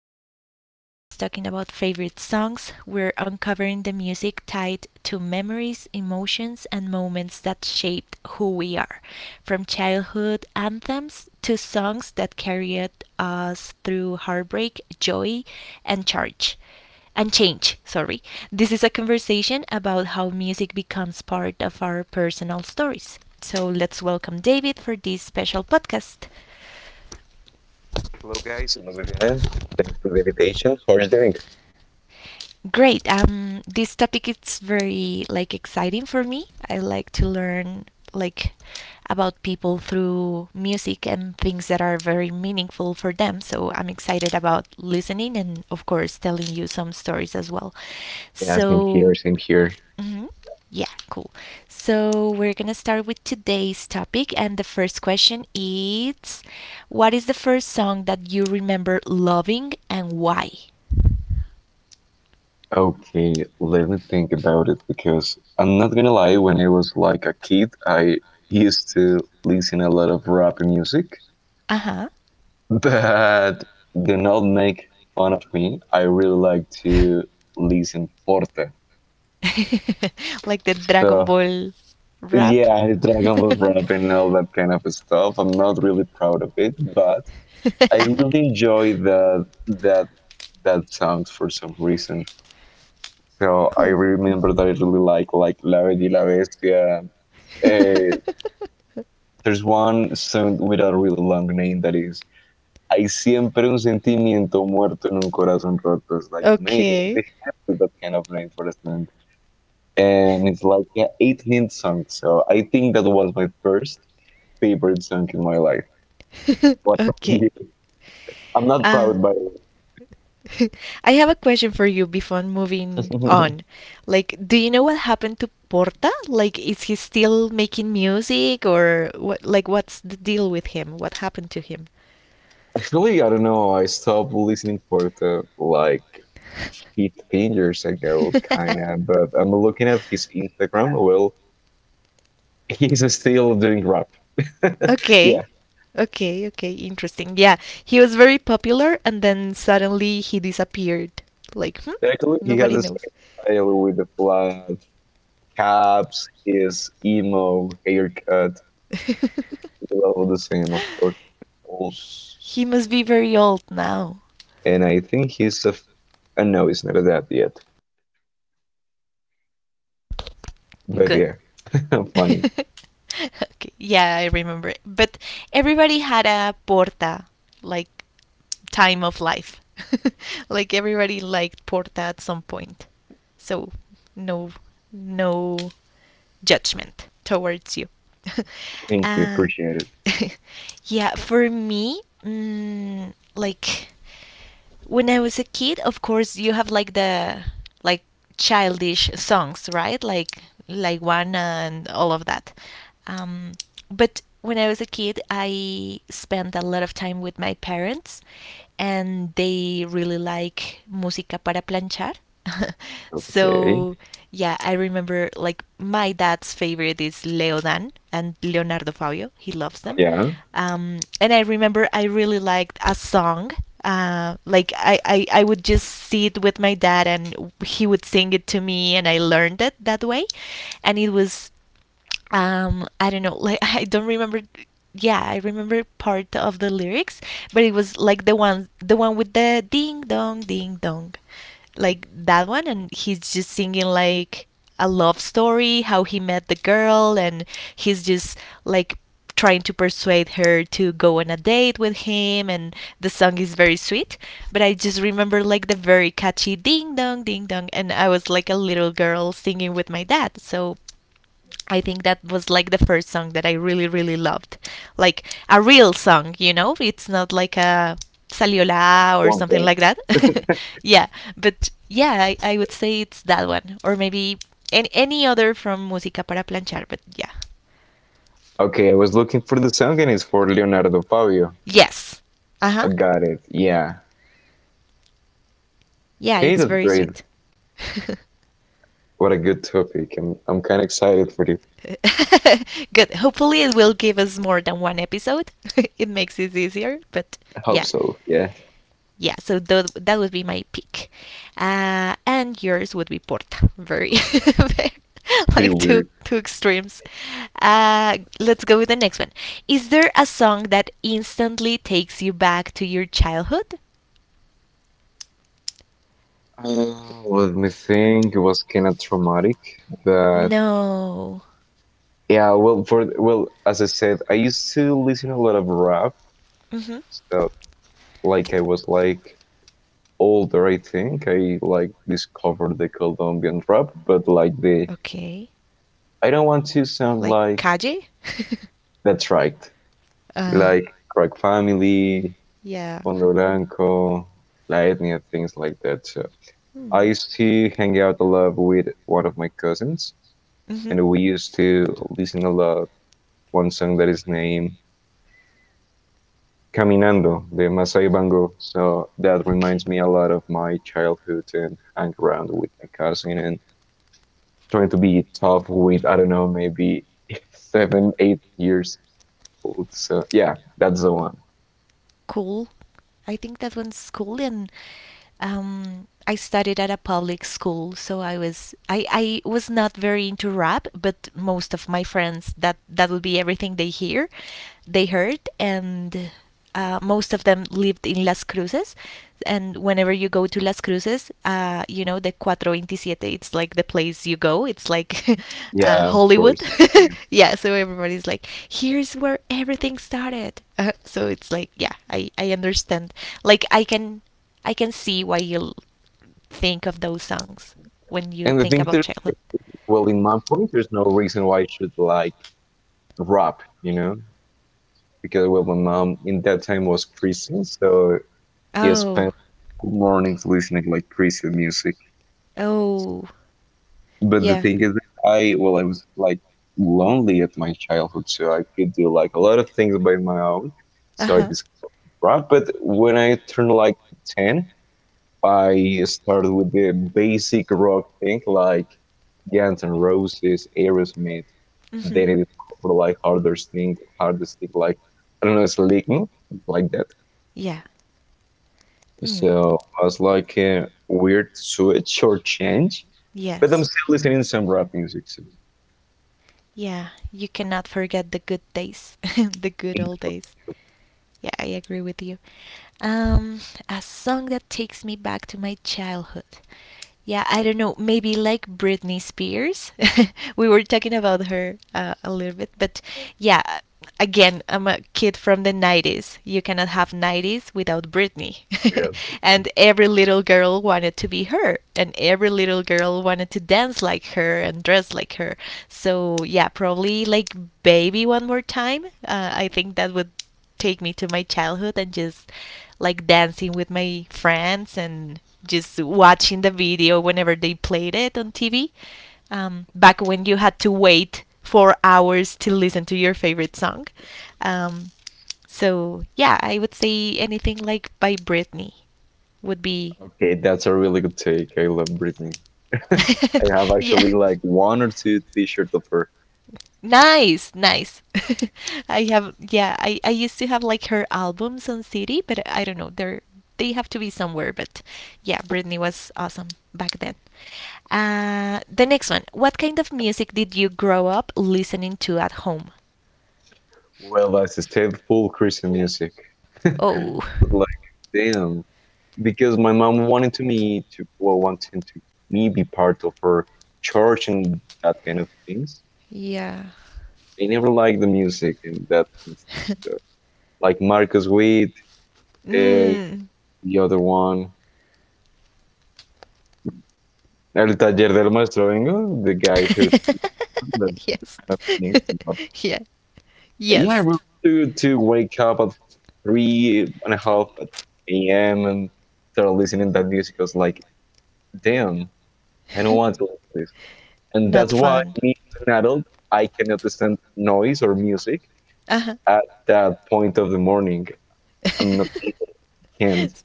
episode, we're not just talking about favorite songs, we're uncovering the music tied to memories, emotions, and moments that shaped who we are, from childhood anthems to songs that carried us through heartbreak, joy, and change and change. Sorry. This is a conversation about how music becomes part of our personal stories. So let's welcome David for this special podcast. Hello, guys. Hello, Vivian. Thanks for the invitation. How are you doing? Great. This topic is very exciting for me. I like to learn like about people through music and things that are very meaningful for them. So I'm excited about listening and of course telling you some stories as well. Yeah, same here, So same here. hmm Yeah, cool. So we're gonna start with today's topic, and the first question is, what is the first song that you remember loving and why? Okay, let me think about it because I'm not gonna lie, when I was like a kid, I used to listen a lot of rap music, Uh huh. but do not make fun of me. I really like to listen Porta. Like the Dragon So, Ball rap. yeah, Dragon Ball rap and all that kind of stuff. I'm not really proud of it, but I really enjoy that that songs for some reason. So I Cool. remember that I really like La Bella y la Bestia. Eh, there's one song with a really long name that is Hay siempre un sentimiento muerto en un corazón roto. It's like maybe they Okay. have to that kind of name for a song, and it's like an 8-minute song. So I think that was my first favorite song in my life. What about Okay. you? I'm not proud Ah. by I have a question for you before moving it. on. Like, do you know what happened to Porta? Like, is he still making music or what's the deal with him? What happened to him? Actually, I don't know. I stopped listening for the like 15 years ago, kinda. But I'm looking at his Instagram. Well, he's still doing rap. Okay. yeah, Okay, okay, interesting. Yeah, he was very popular and then suddenly he disappeared. Like, hmm? actually, he has Nobody the knows. same style with the flat caps, his emo haircut. It's all the same, of course. Old, He must be very old now. and I think he's no, he's not that yet. But Good. yeah, funny. Okay, yeah, I remember it. But everybody had a porta, like time of life. Like everybody liked porta at some point. So no, no judgment towards you. Thank you. uh, Appreciate it. yeah, for me, when I was a kid, of course, you have like the like childish songs, right? Like one and all of that. Um, but when I was a kid, I spent a lot of time with my parents, and they really like música para planchar. Okay. So yeah, I remember like my dad's favorite is Leodan and Leonardo Fabio. He loves them. Yeah. And I remember I really liked a song like I would just see it with my dad and he would sing it to me and I learned it that way and it was I don't know like I don't remember yeah I remember part of the lyrics, but it was like the one with the ding dong ding dong, like that one, and he's just singing like a love story, how he met the girl, and he's just like trying to persuade her to go on a date with him, and the song is very sweet, but I just remember like the very catchy ding dong ding dong, and I was like a little girl singing with my dad. So I think that was like the first song that I really, really loved. Like a real song, you know? It's not like a Saliola or One something thing. like that. Yeah, but yeah, I would say it's that one. Or maybe any other from Música para Planchar, but yeah. Okay, I was looking for the song and it's for Leonardo Fabio. Yes. Uh I huh. got it. Yeah. Yeah, Okay, it's that's very great. sweet. What a good topic. I'm kind of excited for it. Good. Hopefully, it will give us more than one episode. It makes it easier, but I hope yeah, so. Yeah. yeah. So that would be my pick, and yours would be Porta. Very, very- Pretty like two weird. two extremes. Let's go with the next one. Is there a song that instantly takes you back to your childhood? Let me think. It was kind of traumatic, but No. yeah. Well, as I said, I used to listen a lot of rap Mhm. stuff. Like I was like older, I think. I like discovered the Colombian rap, but like the Okay. I don't want to sound Like like Kaje? that's right. Uh, Like Crack Family, yeah. Fondo Blanco, La Etnia, things like that. So I Hmm. used to hang out a lot with one of my cousins, Mm-hmm. and we used to listen a lot one song that is named Caminando, the Masai Bango. So that Okay. reminds me a lot of my childhood and hang around with my cousin and trying to be tough with, I don't know, maybe seven, 8 years old. So yeah, that's the one. Cool. I think that one's cool. And I studied at a public school, so I was not very into rap, but most of my friends, that would be everything they heard. And most of them lived in Las Cruces, and whenever you go to Las Cruces cruises, you know, the 427, it's like the place you go. It's like Yeah, of Hollywood. course. Yeah, so everybody's like, here's where everything started. So it's like, yeah, I understand. Like, I can see why you think of those songs when you And the think thing about that, childhood. well, in my point, there's no reason why I should like rap, you know, because well, my mom in that time was Christian, so he Oh. spent mornings listening like Christian music. Oh, But the yeah. thing is, that I was like lonely at my childhood, so I could do like a lot of things by my own. Uh So I huh. discovered rap. But when I turned like ten, I started with the basic rock thing like Guns N' Roses, Aerosmith. Mm-hmm. Then it for like harder thing like I don't know, Slipknot, like that. Yeah. Mm. So I was like a weird switch or change, but I'm Yes. still listening to some rap music. So Yeah, you cannot forget the good days, the good old days. Yeah, I agree with you. Um, a song that takes me back to my childhood, yeah, I don't know, maybe like Britney Spears. We were talking about her a little bit, but yeah, again, I'm a kid from the 90s. You cannot have 90s without Britney. we have Britney. And every little girl wanted to be her, and every little girl wanted to dance like her and dress like her. So, yeah, probably like Baby One More Time. I think that would take me to my childhood and just like dancing with my friends and just watching the video whenever they played it on TV. Back when you had to wait 4 hours to listen to your favorite song. Um, so yeah, I would say anything like by Britney would be Okay, that's a really good take. I love Britney. I have yeah. actually like one or two T-shirts of her. Nice, nice. I have I used to have like her albums on CD, but I don't know, they have to be somewhere, but yeah, Britney was awesome back then. The next one. What kind of music did you grow up listening to at home? Well, that's a step full Christian music. Oh. But like, damn, because my mom wanted to me be part of her church and that kind of things. Yeah. I never liked the music and that kind of thing. So, like Marcus Witt, uh, Mm. the other one, El Taller del Maestro Bengo, the guy who that Yes. kind of things. But Yeah. yeah, I Yes. really to wake up at three and a half at a.m. and start listening to that music. I was like, damn, I don't want to watch this. And Not that's why, fun. me as an adult, I cannot stand noise or music Uh at that point of the morning. I'm not able, can't. huh.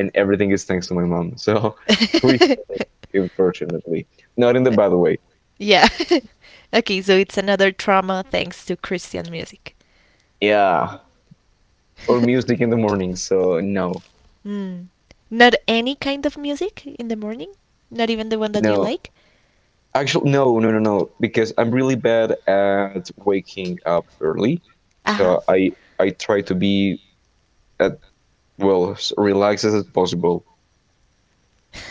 And everything is thanks to my mom. So, Christian, unfortunately. Not in the bad way. Yeah. Okay, so it's another trauma thanks to Christian music. Yeah. Or music in the morning. So, no, Hmm. Not any kind of music in the morning? Not even the one that you no. like? Actually, no, no, no, no. Because I'm really bad at waking up early. Uh huh. So, I try to be at well as relaxed as possible.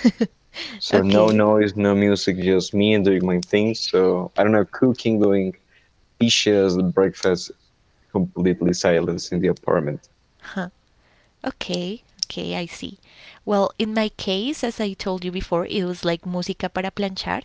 So no Okay. noise, no music, just me doing my thing. So I don't know, cooking, doing dishes, breakfast, completely silence in the apartment. Huh. Okay, okay, I see. Well, in my case, as I told you before, it was like música para planchar,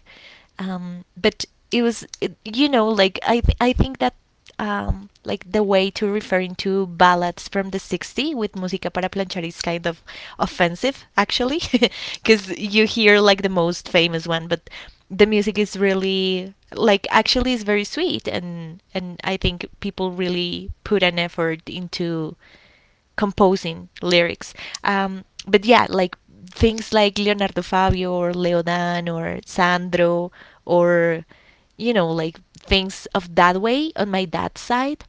but it was, you know, like I think that like the way to referring to ballads from the 60s with música para planchar is kind of offensive actually, because you hear like the most famous one, but the music is really like actually is very sweet, and I think people really put an effort into composing lyrics. But yeah, like things like Leonardo Fabio or Leodan or Sandro, or you know like things of that way on my dad's side.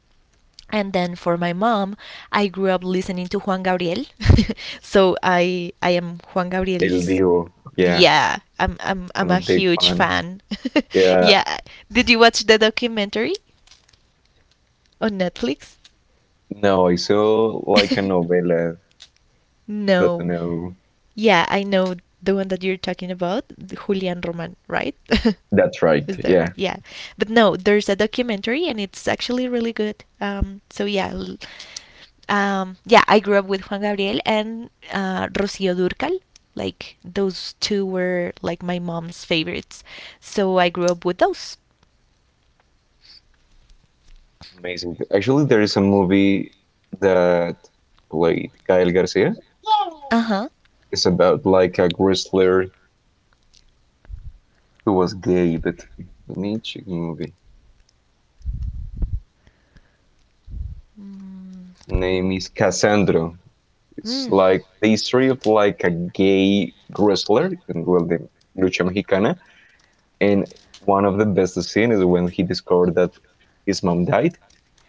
And then for my mom, I grew up listening to Juan Gabriel. So I am Juan El Gabriel's Divo. Yeah, yeah, I'm I'm a a big huge fan. fan. Yeah. Yeah. Did you watch the documentary on Netflix? No, I saw like a novela, but No. no. Yeah, I know the one that you're talking about, the Julian Roman, right? That's right. Is there? Yeah. Yeah. But no, there's a documentary and it's actually really good. So yeah, yeah, I grew up with Juan Gabriel and Rocío Durcal. Like those two were like my mom's favorites, so I grew up with those. Amazing. Actually, there is a movie that played Gael Garcia. Uh huh. It's about like a wrestler who was gay, but let me check the movie. Mm. Name is Cassandra. It's Mm. like the history of like a gay wrestler in the lucha mexicana. And one of the best scenes is when he discovered that his mom died,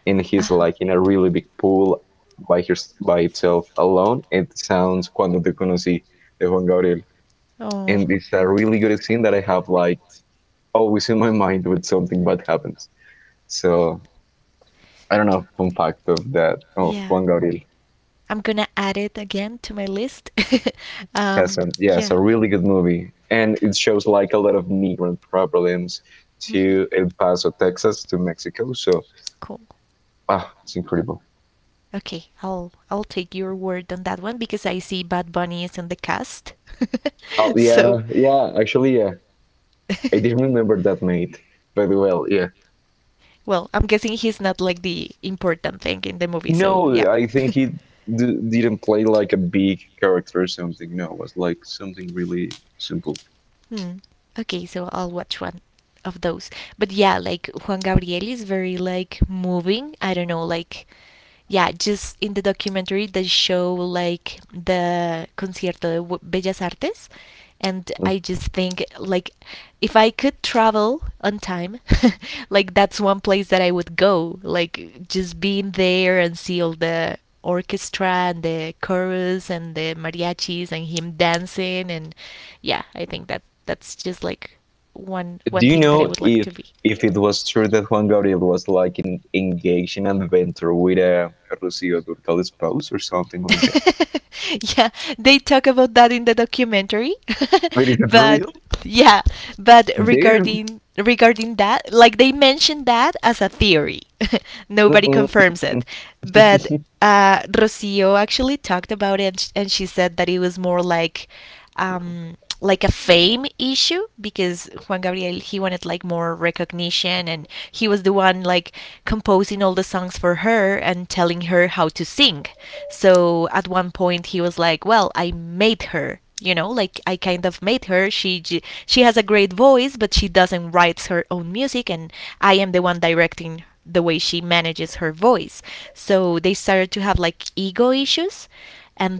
and Uh he's huh. like in a really big pool by itself alone. It sounds cuando te conocí de Juan Gabriel. And Oh. it's a really good scene that I have like always in my mind when something bad happens. So I don't know, fun fact of that of Yeah. Juan Gabriel. I'm gonna add it again to my list. um, Casan. Yeah, it's yeah. a really good movie, and it shows like a lot of migrant problems Hmm. to El Paso, Texas, to Mexico. So Cool. It's incredible. Okay, I'll take your word on that one because I see Bad Bunny is in the cast. Oh So yeah, yeah. Actually, yeah, I didn't remember that mate. But well, yeah. well, I'm guessing he's not like the important thing in the movie, so yeah. No, I think he didn't play like a big character or something. No, it was like something really simple. Hmm. Okay, so I'll watch one of those. But yeah, like Juan Gabriel is very like moving. I don't know, like yeah, just in the documentary they show like the concierto de Bellas Artes, and I just think like if I could travel on time, like that's one place that I would go, like just being there and see all the orchestra and the chorus and the mariachis and him dancing. And yeah, I think that that's just like one Do one you thing that I know would like to if be. if it was true that Juan Gabriel was like engaged in an adventure with a Rocío Durcal spouse or something like that? Yeah, they talk about that in the documentary. But is it But real? yeah, but Damn. regarding that, like they mentioned that as a theory. Nobody Mm-mm. confirms it. But Rocio actually talked about it, and she said that it was more like a fame issue because Juan Gabriel, he wanted like more recognition, and he was the one like composing all the songs for her and telling her how to sing. So at one point he was like, "Well, I made her." You know, like I kind of made her. She has a great voice, but she doesn't write her own music, and I am the one directing the way she manages her voice. So they started to have like ego issues,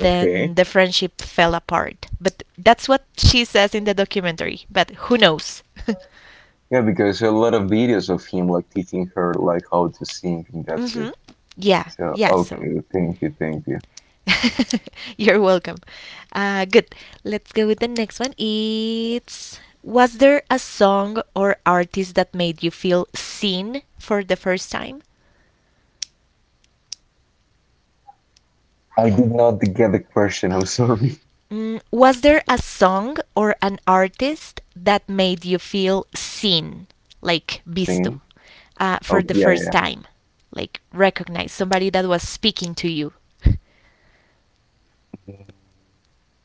okay. then the friendship fell apart. But that's what she says in the documentary, but who knows? Yeah, because a lot of videos of him like teaching her like how to sing and that's it. Mhm. Yeah. So Yeah, so okay, thank you, thank you. you're welcome. Good. Let's go with the next one. It's, was there a song or artist that made you feel seen for the first time? I did not get the question. I'm sorry. Mm, was there a song or an artist that made you feel seen, like visto, Singing. For Okay, the yeah, first yeah. time? Like recognize somebody that was speaking to you,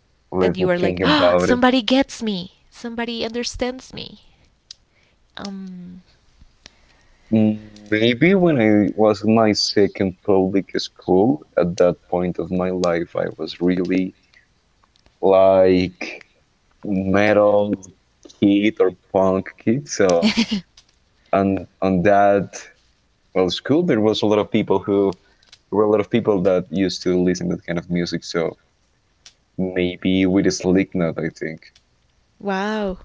that Let me you were like, think oh, about it. somebody gets me, somebody understands me. Um, Mm, Maybe when I was in my second public school, at that point of my life, I was really like metal kid or punk kid. So, and on that school, there were a lot of people that used to listen to that kind of music. So maybe with a Slipknot, I think. wow.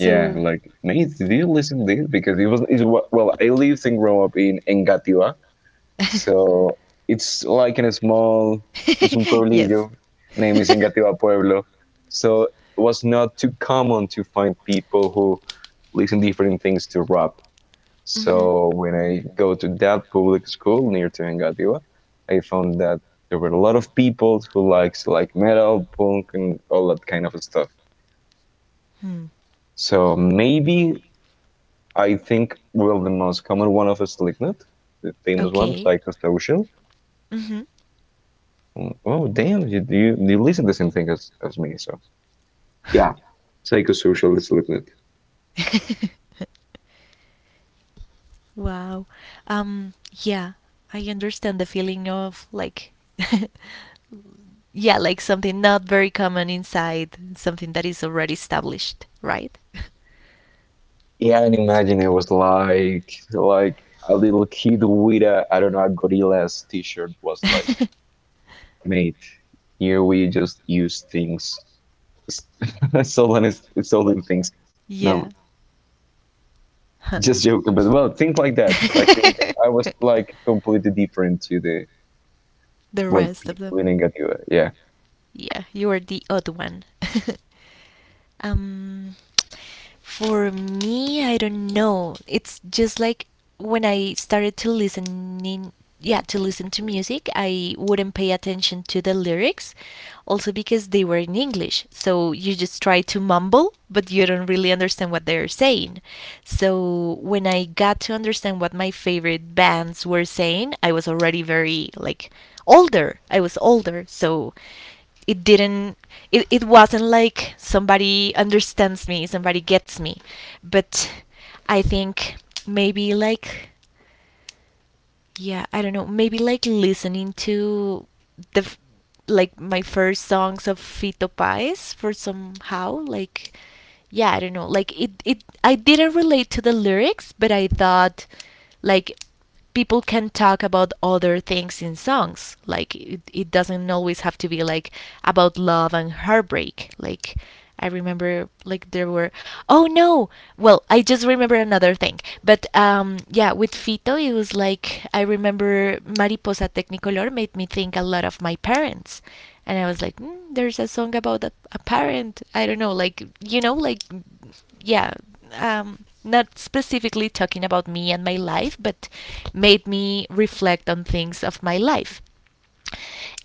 Yeah, like Nate, did you listen to this? Because it was well, I lived and grew up in Engativá. So it's like in a small, it's un yes. pueblillo name is Engativá Pueblo. So it was not too common to find people who listen different things to rap. Mm-hmm. So when I go to that public school near to Engativá, I found that there were a lot of people who likes like metal, punk, and all that kind of stuff. Hmm. So maybe I think well the most common one of us Slipknot, the famous one, Okay. Psychosocial. Mhm. Oh, damn, you listen the same thing as me. So yeah, psychosocial is it? Wow. Um yeah, I understand the feeling of like yeah, like something not very common inside, something that is already established, right? Yeah, and It's imagine like- it was like a little kid with a I don't know a gorilla's t-shirt was like, mate, here we just use things, s- stolen is stolen things. yeah. No, Huh. just joking, but well, things like that. Like I was like completely different to the the what rest of people them. in Engadina. Yeah. Yeah, you are the odd one. um, for me, I don't know. It's just like when I started to listening, yeah, to listen to music, I wouldn't pay attention to the lyrics, also because they were in English. So you just try to mumble, but you don't really understand what they're saying. So when I got to understand what my favorite bands were saying, I was already very like older. I was older, so it didn't it wasn't like somebody understands me, somebody gets me. But I think maybe like yeah, I don't know, maybe like listening to the f- like my first songs of Fito Páez for somehow, like yeah, I don't know, like it I didn't relate to the lyrics, but I thought, like, people can talk about other things in songs, like it doesn't always have to be like about love and heartbreak. Like I remember, like there were, oh no, well, I just remember another thing, but yeah, with Fito it was like I remember Mariposa Technicolor made me think a lot of my parents, and I was like there's a song about a parent, I don't know, like, you know, like yeah, not specifically talking about me and my life, but made me reflect on things of my life.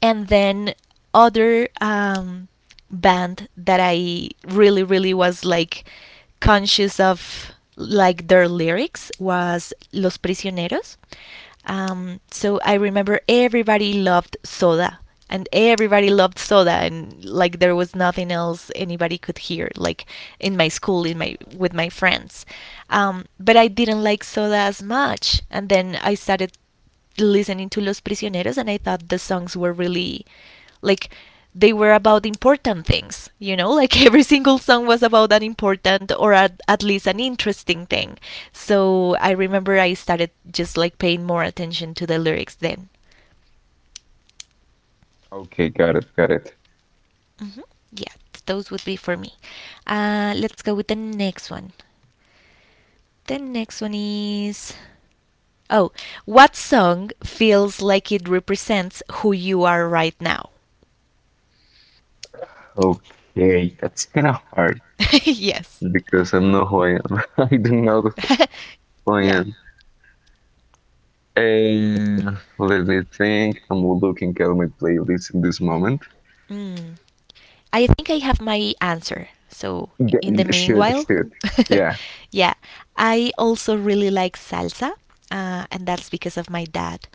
And then other band that I really, really was like conscious of, like their lyrics, was Los Prisioneros. So I remember everybody loved Soda, and everybody loved Soda, and like there was nothing else anybody could hear, like in my school, in my, with my friends. But I didn't like Soda as much, and then I started listening to Los Prisioneros, and I thought the songs were really like, they were about important things, you know, like every single song was about an important or at least an interesting thing. So I remember I started just like paying more attention to the lyrics then. Okay, got it, got it. Hmm. Yeah, those would be for me. Let's go with the next one. The next one is. Oh, what song feels like it represents who you are right now? Okay, that's kind of hard Yes. because I'm not who I am. I do not know who I Yeah. am. Uh, Let me think. I'm looking at my playlist in this moment. Mm. I think I have my answer. So, in the Yeah, shoot, meanwhile, shoot. Yeah. yeah, I also really like salsa, and that's because of my dad.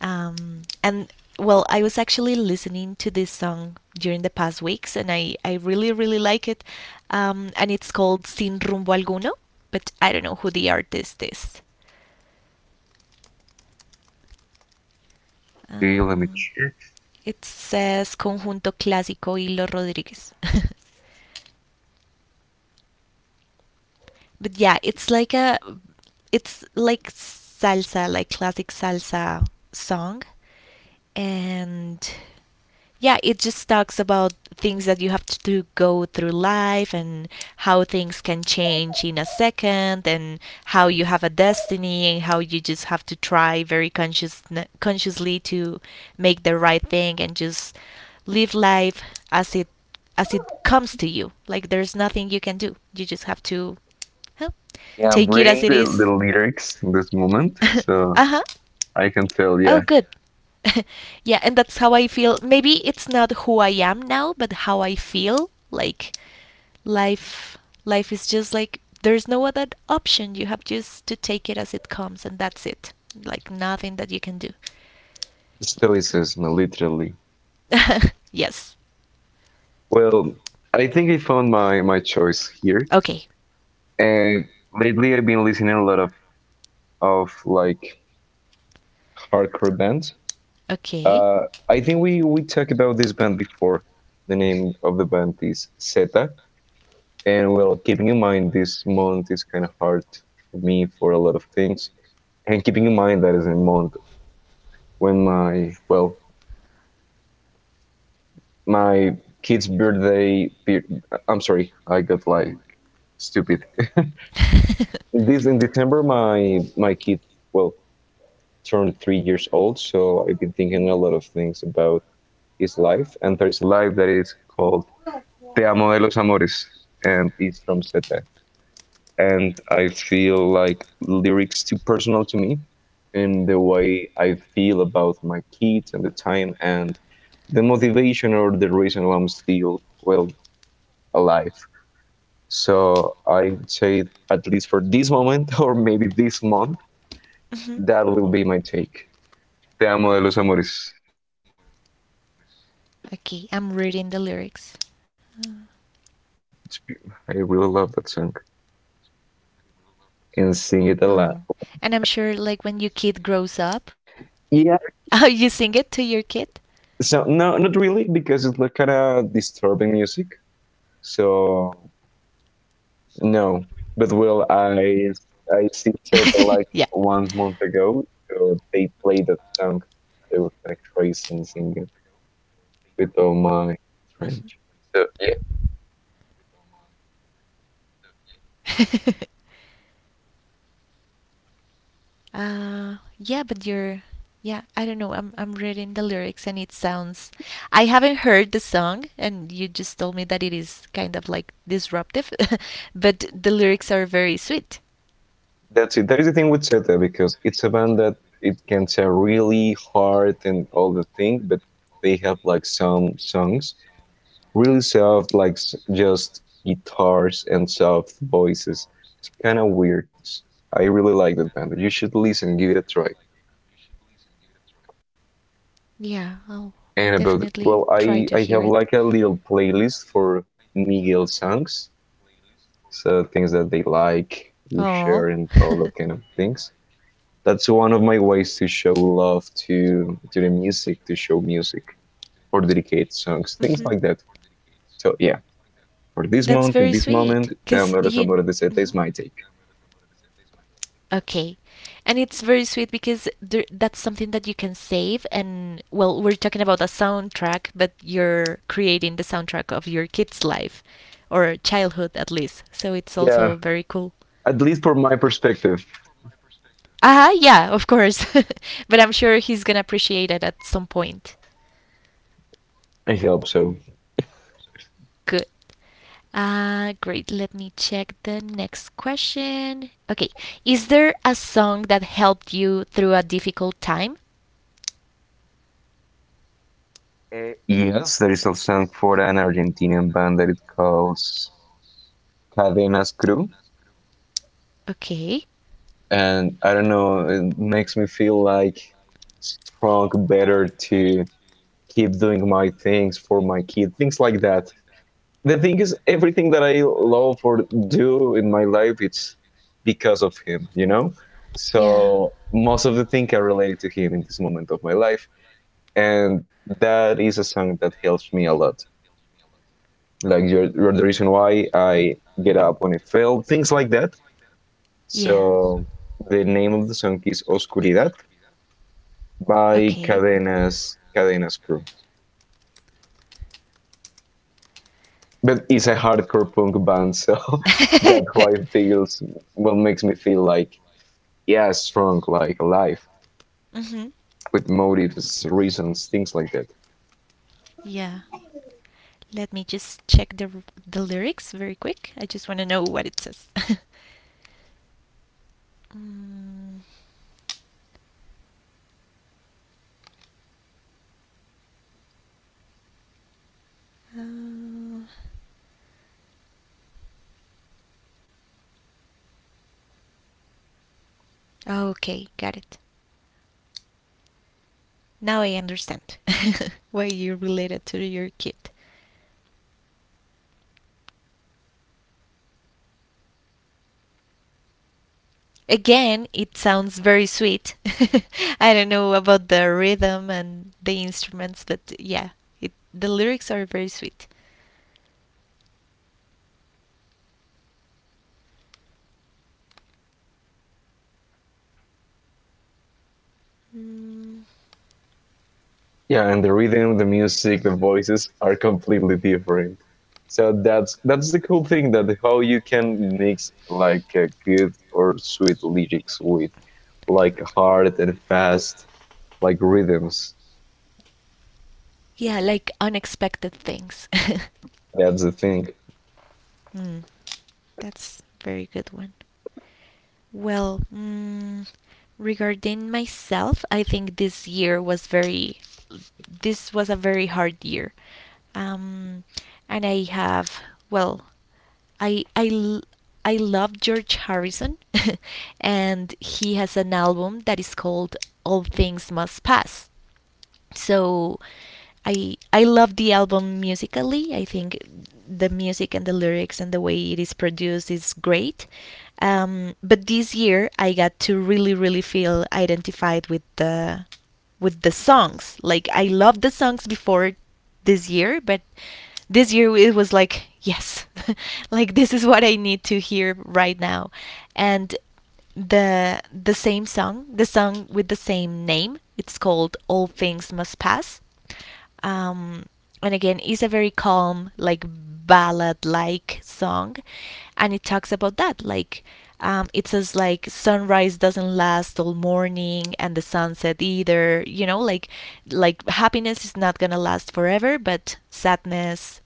And well, I was actually listening to this song during the past weeks, and I really, really like it. And it's called Sin Rumbo Alguno, but I don't know who the artist is. Okay, let me Um, check. it says Conjunto Clásico y Los Rodríguez. But yeah, it's like a, it's like salsa, like classic salsa song, and yeah, it just talks about things that you have to do, go through life, and how things can change in a second, and how you have a destiny, and how you just have to try very conscious consciously to make the right thing and just live life as it, as it comes to you. Like there's nothing you can do. You just have to huh, Yeah, I'm take it reading as it the is. lyrics in this moment, so Uh-huh. I can tell, Oh, yeah, good. Yeah, and that's how I feel. Maybe it's not who I am now, but how I feel. Like life life is just like there's no other option. You have just to take it as it comes, and that's it. Like nothing that you can do. stoicism, literally. Yes. Well, I think I found my choice here. Okay. And lately I've been listening a lot of like hardcore bands. Okay. Uh, I think we talked about this band before. The name of the band is Zeta. And well, keeping in mind this month is kind of hard for me for a lot of things. And keeping in mind that is a month when my kid's birthday, I'm sorry, I got like stupid. this in December, my kid, well, turned 3 years old, so I've been thinking a lot of things about his life. And there's a life that is called Te Amo de los Amores, and it's from Zeta. And I feel like lyrics too personal to me in the way I feel about my kids and the time and the motivation or the reason why I'm still alive. So I would say at least for this moment or maybe this month, that will be my Mhm. take. Te amo de los amores. Okay, I'm reading the lyrics. Uh, I really love that song and sing it a lot. Oh, and I'm sure, like when your kid grows up, Yeah. oh, you sing it to your kid. So no, not really because it's like kind of disturbing music. So no, but well, I see Yeah. said like 1 month ago, they played that song. They were like tracing singing with all my friends. So yeah, yeah, but you're, yeah, I don't know. I'm reading the lyrics and it sounds. I haven't heard the song, and you just told me that it is kind of like disruptive, but the lyrics are very sweet. that's it. That is the thing with Zeta because it's a band that it can sound really hard and all the thing, but they have like some songs really soft, like just guitars and soft voices. It's kind of weird. I really like that band. You should listen, give it a try. Yeah, I'll And about definitely well, try to I hear I it. have like a little playlist for Miguel songs, so things that they like, Oh. we share, and all that kind of things. That's one of my ways to show love to the music, to show music or dedicate songs, Hmm. things like that. So yeah, for this That's month, very in this sweet. moment, the Cause Amor you. Amor de Zeta Mhm. is my take. Okay. And it's very sweet because there, that's something that you can save. And well, we're talking about a soundtrack, but you're creating the soundtrack of your kid's life, or childhood at least. So it's Yeah, also very cool. at least from my perspective, Uh huh, yeah, of course. But I'm sure he's gonna appreciate it at some point. I hope so. Good. Ah, great. Let me check the next question. Okay. Is there a song that helped you through a difficult time? Yes, there is a song for an Argentinian band that it calls Cadenas Crew Okay. and I don't know, it makes me feel like strong, better to keep doing my things for my kid, things like that. The thing is, everything that I love or do in my life, it's because of him, you know? Yeah. So most of the things I related to him in this moment of my life. And that is a song that helps me a lot. Like you're the Mm. reason why I get up when I fail, things like that. Yeah. So the name of the song is Oscuridad by Okay. Cadenas Crew. But it's a hardcore punk band, so that's why it feels what makes me feel like yeah, strong, like alive, Hmm. with motives, reasons, things like that. Yeah. Let me just check the the lyrics very quick. I just want to know what it says. Mm, okay, got it. Now I understand why you related to your kid. Again, it sounds very sweet. I don't know about the rhythm and the instruments, but yeah, it the lyrics are very sweet. Mm, Yeah, and the rhythm, the music, the voices are completely different. So that's the cool thing that how you can mix like good or sweet lyrics with like hard and fast like rhythms. yeah, like unexpected things. That's the thing. Mm, that's very good one. Well, mm, regarding myself, I think this year was very this was a very hard year. Um, and I have well, I I l- I love George Harrison and he has an album that is called All Things Must Pass, so I love the album musically. I think the music and the lyrics and the way it is produced is great. But this year I got to really really feel identified with the, with the songs. Like I loved the songs before this year, but this year it was like yes, like this is what I need to hear right now, and the same song, the song with the same name. It's called All Things Must Pass. Um, and again, it's a very calm, like ballad-like song, and it talks about that. Like it says, like sunrise doesn't last all morning, and the sunset either. You know, like happiness is not gonna last forever, but sadness,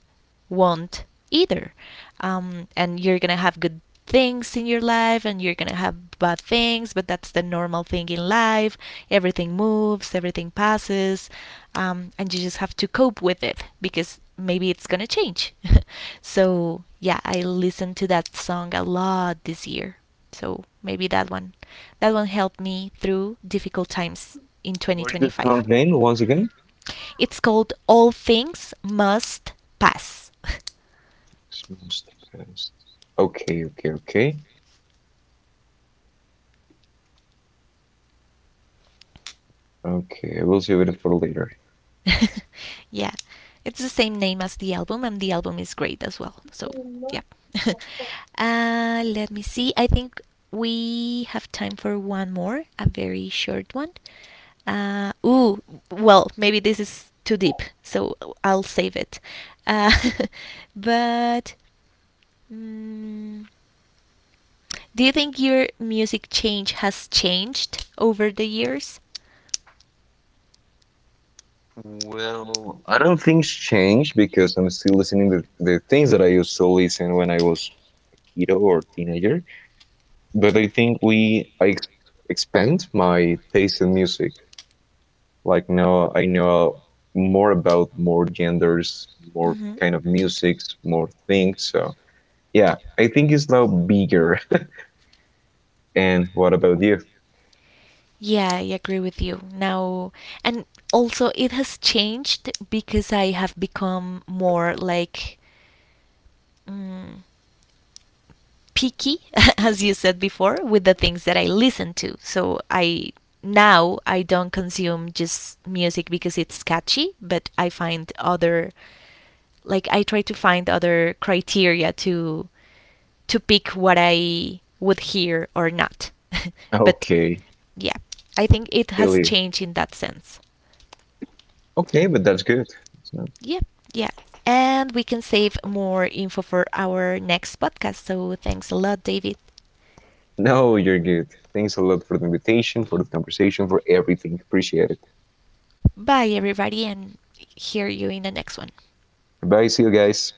won't either. And you're gonna have good things in your life, and you're gonna have bad things, but that's the normal thing in life. Everything moves, everything passes, and you just have to cope with it because maybe it's gonna change. So, yeah, I listened to that song a lot this year. So maybe that one helped me through difficult times in What is the 2025. song name once again? It's called All Things Must Pass. Smells the past. Okay, okay, okay. Okay, I will save it for later. Yeah, it's the same name as the album, and the album is great as well. So, yeah. Let me see. I think we have time for one more, a very short one. Ooh, well, maybe this is too deep, so I'll save it. Uh, but mm, do you think your music change has changed over the years? Well, I don't think it's changed because I'm still listening to the things that I used to listen when I was a kiddo or teenager. But I think we I ex expand my taste in music. Like now I know more about more genders, more Mm-hmm. kind of musics, more things. So yeah, I think it's now bigger. And what about you? Yeah, I agree with you. Now, and also it has changed because I have become more like. Mm picky, as you said before, with the things that I listen to. So I now I don't consume just music because it's catchy, but I find other, like I try to find other criteria to pick what I would hear or not. But Okay, yeah, I think it has Billy. changed in that sense. Okay, but that's good. It's not- Yeah, yeah. And we can save more info for our next podcast. So thanks a lot, David. No, you're good. Thanks a lot for the invitation, for the conversation, for everything. Appreciate it. Bye, everybody, and hear you in the next one. Bye. See you guys.